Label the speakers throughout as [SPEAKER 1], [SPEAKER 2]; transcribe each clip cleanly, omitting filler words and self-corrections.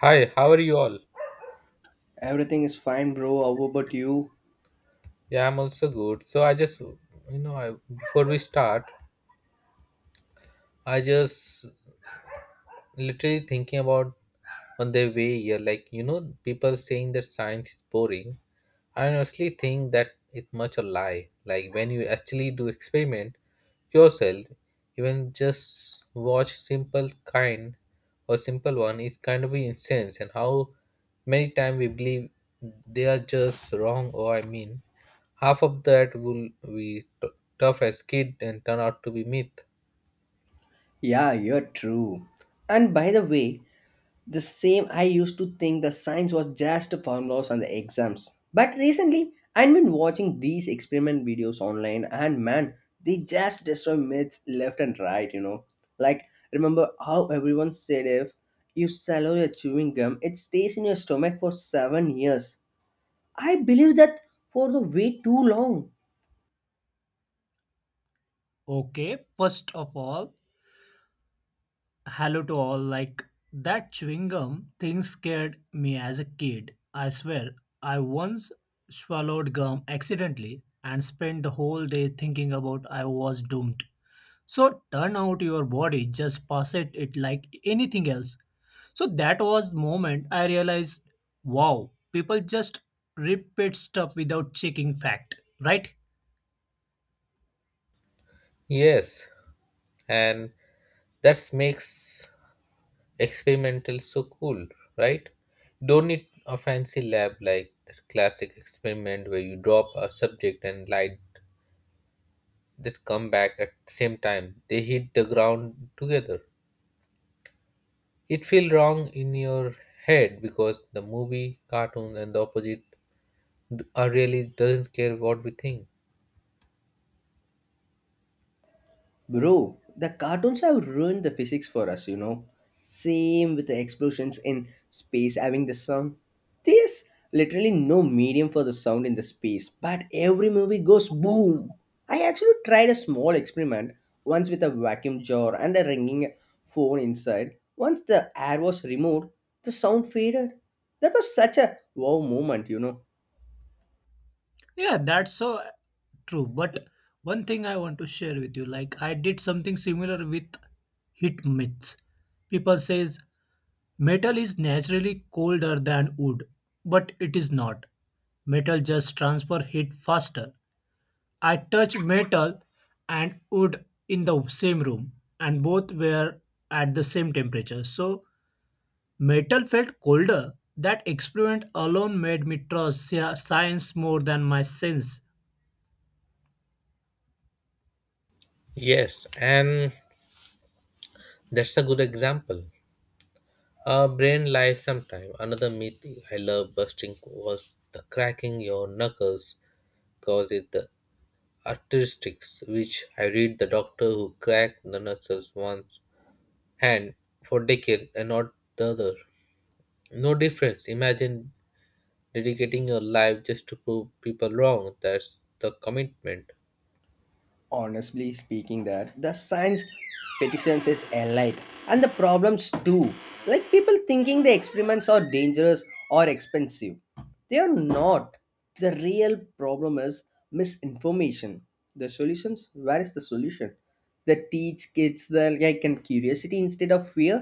[SPEAKER 1] Hi, how are you all?
[SPEAKER 2] Everything is fine, bro. How about you?
[SPEAKER 1] Yeah, I'm also good. So I just, you know, I, before we start, I just literally thinking about on their way here like people saying that science is boring. I honestly think that it's much a lie, like when you actually do experiment yourself, even just watch simple kind or simple one is kind of incense. And how many times we believe they are just wrong, or half of that will be tough as kid and turn out to be myth.
[SPEAKER 2] Yeah, you're true. And by the way, the same I used to think the science was just formulas and the exams. But recently, I've been watching these experiment videos online, and they just destroy myths left and right. Like, remember how everyone said if you swallow your chewing gum, it stays in your stomach for 7 years. I believe that for the way too long.
[SPEAKER 3] Okay, first of all, hello to all. Like that chewing gum thing scared me as a kid. I swear, I once swallowed gum accidentally and spent the whole day thinking about I was doomed. So turn out your body, just pass it, it like anything else. So that was the moment I realized, wow, people just repeat stuff without checking fact, right?
[SPEAKER 1] Yes, and that makes experimental so cool, right? Don't need a fancy lab, like that classic experiment where you drop a subject and light, that come back at the same time, they hit the ground together. It feels wrong in your head because the movie cartoon and the opposite are really doesn't care what we think.
[SPEAKER 2] Bro, the cartoons have ruined the physics for us. Same with the explosions in space having the sound. There's literally no medium for the sound in the space, but every movie goes boom. I actually tried a small experiment once with a vacuum jar and a ringing phone inside. Once the air was removed, the sound faded. That was such a wow moment.
[SPEAKER 3] Yeah, that's so true. But one thing I want to share with you, like I did something similar with heat myths. People says metal is naturally colder than wood, but it is not. Metal just transfer heat faster. I touched metal and wood in the same room, and both were at the same temperature. So metal felt colder. That experiment alone made me trust science more than my sense.
[SPEAKER 1] Yes, and that's a good example. A brain lies sometime. Another myth I love busting was the cracking your knuckles causes the artistics, which I read the doctor who cracked the nurse's one hand for decades and not the other. No difference. Imagine dedicating your life just to prove people wrong. That's the commitment.
[SPEAKER 2] Honestly speaking, that the science petitions is alike, and the problems too. Like people thinking the experiments are dangerous or expensive, they are not. The real problem is misinformation. The solutions, where is the solution? They teach kids the like and curiosity instead of fear.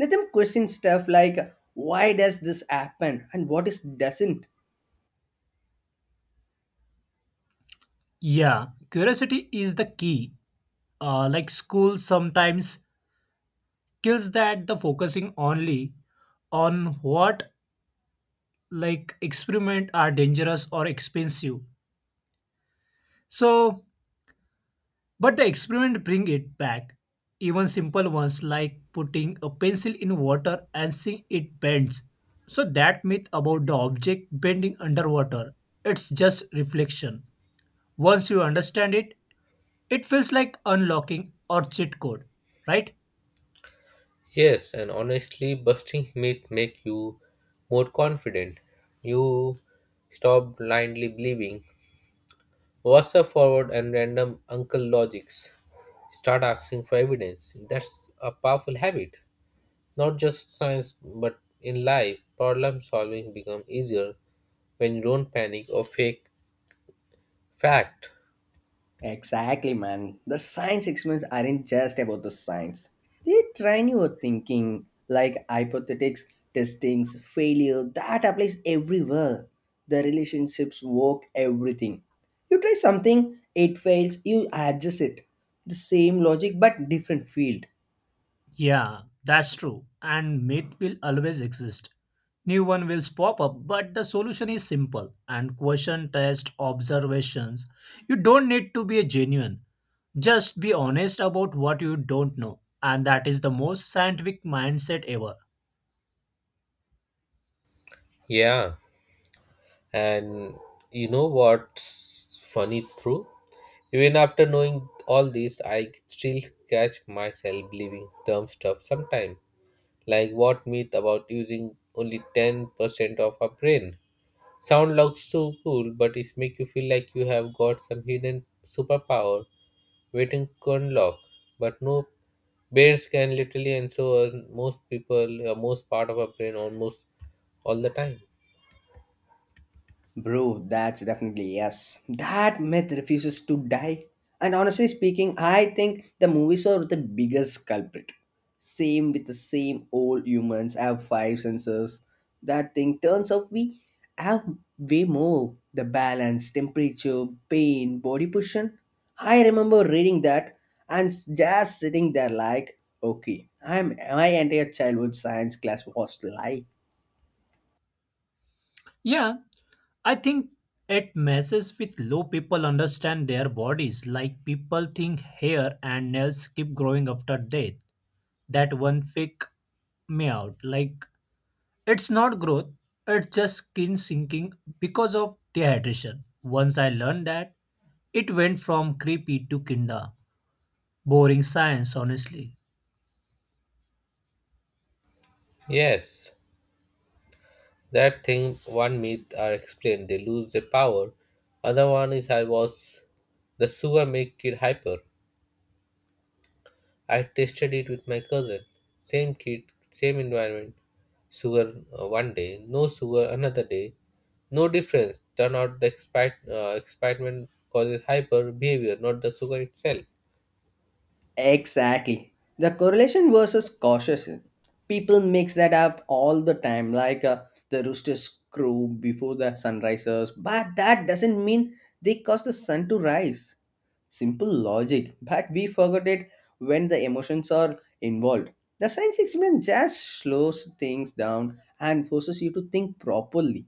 [SPEAKER 2] Let them question stuff like why does this happen and what is doesn't.
[SPEAKER 3] Yeah, curiosity is the key. Like school sometimes kills that the focusing only on what like experiment are dangerous or expensive. So, but the experiment bring it back. Even simple ones like putting a pencil in water and seeing it bends. So that myth about the object bending underwater, it's just reflection. Once you understand it, it feels like unlocking or cheat code, right?
[SPEAKER 1] Yes, and honestly, busting myths make you more confident. You stop blindly believing. What's up forward and random uncle logics? Start asking for evidence. That's a powerful habit. Not just science, but in life, problem solving becomes easier when you don't panic or fake fact.
[SPEAKER 2] Exactly, man. The science experiments aren't just about the science. They train your thinking, like hypothetics, testings, failure. That applies everywhere. The relationships work, everything. You try something, it fails, you adjust it. The same logic but different field.
[SPEAKER 3] Yeah, that's true. And myth will always exist. New one will pop up, but the solution is simple and question, test, observations. You don't need to be a genuine. Just be honest about what you don't know. And that is the most scientific mindset ever.
[SPEAKER 1] Yeah, and you know what's funny through? Even after knowing all this, I still catch myself believing dumb stuff sometimes. Like what myth about using only 10% of our brain? Sound looks so cool, but it makes you feel like you have got some hidden superpower waiting Kunlock, but no bears can literally, and so most people, most part of our brain almost all the time.
[SPEAKER 2] Bro, that's definitely yes. That myth refuses to die. And honestly speaking, I think the movies are the biggest culprit. Same with the same old humans have 5 senses. That thing, turns out we have way more. The balance, temperature, pain, body position. I remember reading that and just sitting there like, okay, I'm my entire childhood science class was lie.
[SPEAKER 3] Yeah, I think it messes with low people understand their bodies. Like people think hair and nails keep growing after death. That one freak me out. Like it's not growth, it's just skin sinking because of dehydration. Once I learned that, it went from creepy to kinda. Boring science, honestly.
[SPEAKER 1] Yes, that thing one myth are explained, they lose their power. Other one is I was the sugar make kid hyper. I tasted it with my cousin. Same kid, same environment. Sugar one day, no sugar another day. No difference. Turn out the excitement causes hyper behavior, not the sugar itself.
[SPEAKER 2] Exactly. The correlation versus causation. People mix that up all the time, like the roosters crow before the sun rises, but that doesn't mean they cause the sun to rise. Simple logic, but we forgot it when the emotions are involved. The science experiment just slows things down and forces you to think properly.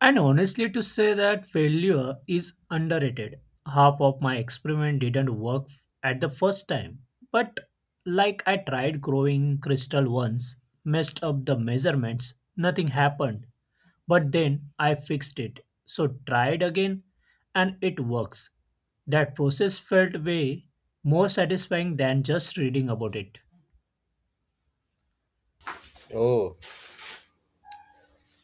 [SPEAKER 3] And honestly, to say that failure is underrated. Half of my experiment didn't work at the first time. But like I tried growing crystal once, messed up the measurements, nothing happened. But then I fixed it. So tried again and it works. That process felt way more satisfying than just reading about it.
[SPEAKER 1] Oh,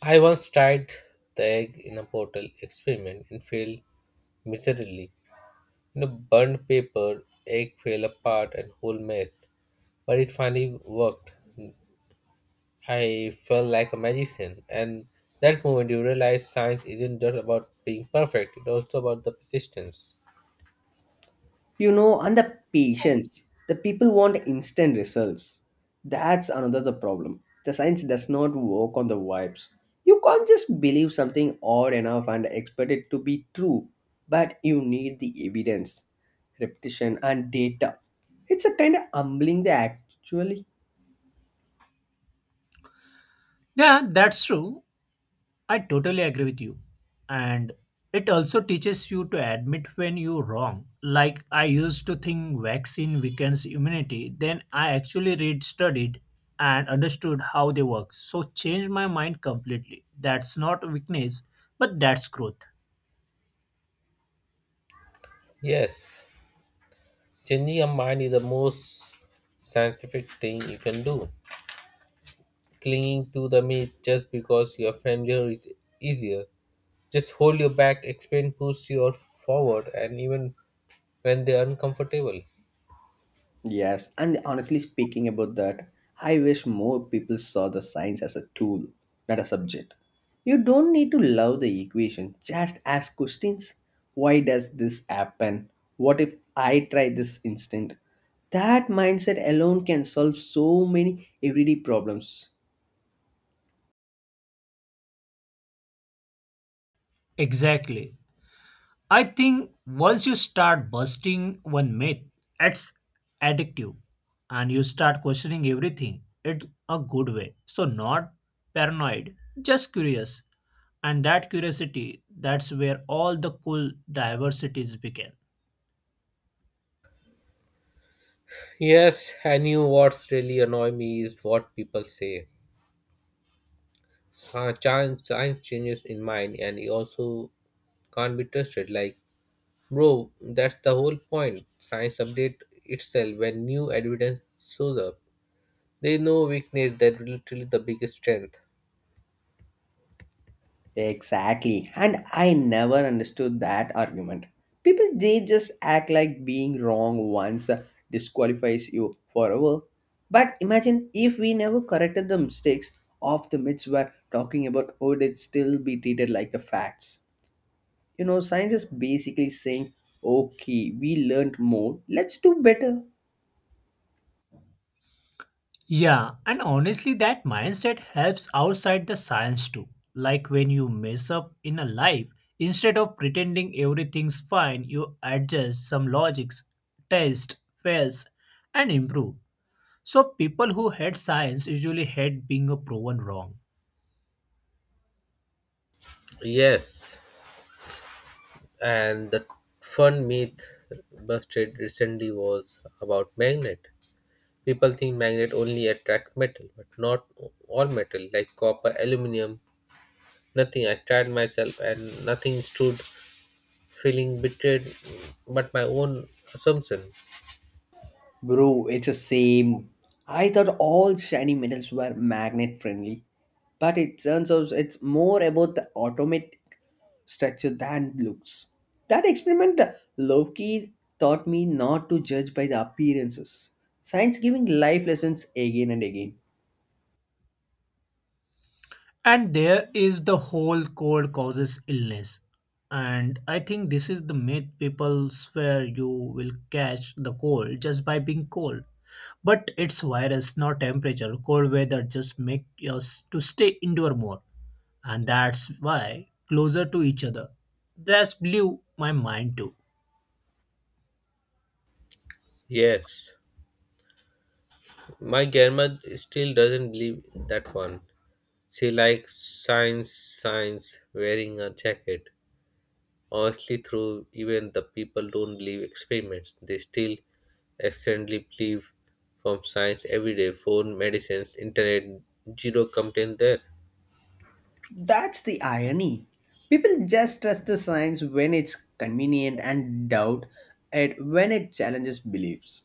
[SPEAKER 1] I once tried the egg in a portal experiment and failed miserably. You know, burned paper, egg fell apart, and whole mess. But it finally worked. I felt like a magician, and that moment you realize science isn't just about being perfect; it's also about the persistence.
[SPEAKER 2] You know, and the patience, the people want instant results. That's another the problem. The science does not work on the vibes. You can't just believe something odd enough and expect it to be true, but you need the evidence, repetition and data. It's a kind of humbling the actually.
[SPEAKER 3] Yeah, that's true. I totally agree with you. And it also teaches you to admit when you're wrong. Like I used to think vaccine weakens immunity, then I actually read, studied, and understood how they work. So changed my mind completely. That's not weakness, but that's growth.
[SPEAKER 1] Yes, changing your mind is the most scientific thing you can do. Clinging to the myth just because your failure is easier. Just hold your back, explain, push you forward, and even when they're uncomfortable.
[SPEAKER 2] Yes, and honestly speaking about that, I wish more people saw the science as a tool, not a subject. You don't need to love the equation, just ask questions. Why does this happen? What if I try this instead? That mindset alone can solve so many everyday problems.
[SPEAKER 3] Exactly. I think once you start busting one myth, it's addictive and you start questioning everything in a good way. So, not paranoid, just curious. And that curiosity, that's where all the cool diversities begin.
[SPEAKER 1] Yes, I knew what's really annoy me is what people say. Science, science changes in mind, and it also can't be trusted. Like, bro, that's the whole point. Science update itself when new evidence shows up. They know weakness that literally the biggest strength.
[SPEAKER 2] Exactly. And I never understood that argument. People, they just act like being wrong once disqualifies you forever. But imagine if we never corrected the mistakes of the myths we're talking about, would it still be treated like the facts? You know, science is basically saying, okay, we learned more, let's do better.
[SPEAKER 3] Yeah, and honestly, that mindset helps outside the science too. Like when you mess up in a life, instead of pretending everything's fine, you adjust some logics, test, fails, and improve. So people who hate science usually hate being proven wrong.
[SPEAKER 1] Yes, and the fun myth busted recently was about magnet. People think magnet only attract metal, but not all metal, like copper, aluminum. Nothing. I tried myself and nothing stood, feeling betrayed, but my own assumption.
[SPEAKER 2] Bro, it's the same. I thought all shiny metals were magnet friendly, but it turns out it's more about the automatic structure than looks. That experiment, Loki taught me not to judge by the appearances. Science giving life lessons again and again.
[SPEAKER 3] And there is the whole cold causes illness, and I think this is the myth people swear you will catch the cold just by being cold, but it's virus not temperature. Cold weather just make us to stay indoor more, and that's why closer to each other. That's blew my mind too.
[SPEAKER 1] Yes, my grandma still doesn't believe that one. She likes science, wearing a jacket. Honestly, through even the people don't believe experiments, they still accidentally believe from science every day. Phone, medicines, internet, zero complaint there.
[SPEAKER 2] That's the irony. People just trust the science when it's convenient and doubt it when it challenges beliefs.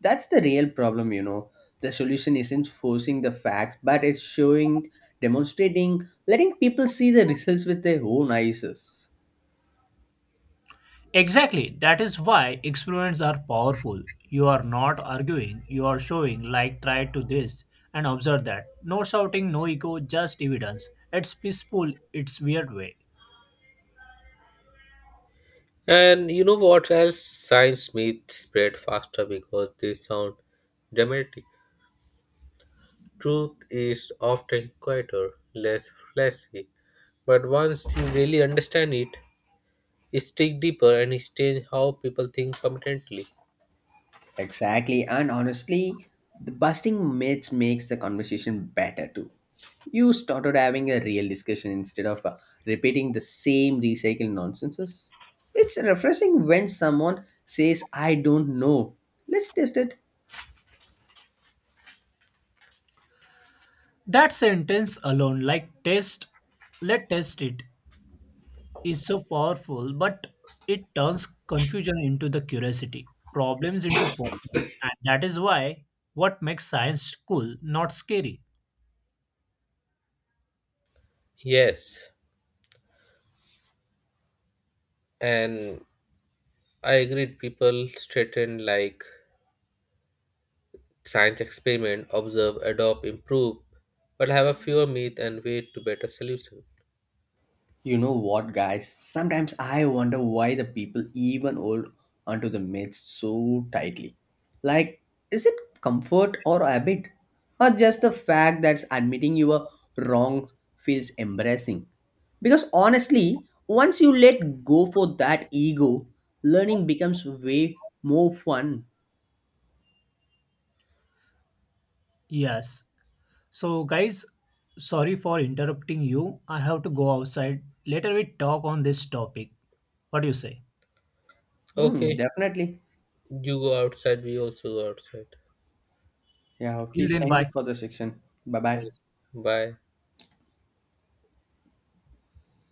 [SPEAKER 2] That's the real problem, you know. The solution isn't forcing the facts, but it's showing, demonstrating, letting people see the results with their own eyes.
[SPEAKER 3] Exactly. That is why experiments are powerful. You are not arguing, you are showing, like, try to this and observe that. No shouting, no echo, just evidence. It's peaceful, it's weird way.
[SPEAKER 1] And you know what else? Science myths spread faster because they sound dramatic. Truth is often quieter, less flashy, but once you really understand it, it sticks deeper and it changes how people think permanently.
[SPEAKER 2] Exactly, and honestly, the busting myths makes the conversation better too. You started having a real discussion instead of repeating the same recycled nonsenses. It's refreshing when someone says, I don't know. Let's test it.
[SPEAKER 3] That sentence alone, like test, let test it, is so powerful, but it turns confusion into the curiosity, problems into fun. And that is why what makes science cool, not scary.
[SPEAKER 1] Yes, and I agree. People straighten like science experiment, observe, adopt, improve, but have a fewer myth and way to better solution.
[SPEAKER 2] You know what, guys? Sometimes I wonder why the people even hold onto the myths so tightly. Like, is it comfort or habit? Or just the fact that admitting you were wrong feels embarrassing? Because honestly, once you let go for that ego, learning becomes way more fun.
[SPEAKER 3] Yes. So, guys, sorry for interrupting you. I have to go outside. Later, we talk on this topic. What do you say?
[SPEAKER 2] Hmm,
[SPEAKER 1] Okay,
[SPEAKER 2] definitely.
[SPEAKER 1] you go outside. We also go outside.
[SPEAKER 2] Yeah,
[SPEAKER 3] Till
[SPEAKER 2] okay.
[SPEAKER 3] then,
[SPEAKER 2] Thank you
[SPEAKER 3] bye.
[SPEAKER 2] for the section. Bye bye.
[SPEAKER 1] Bye.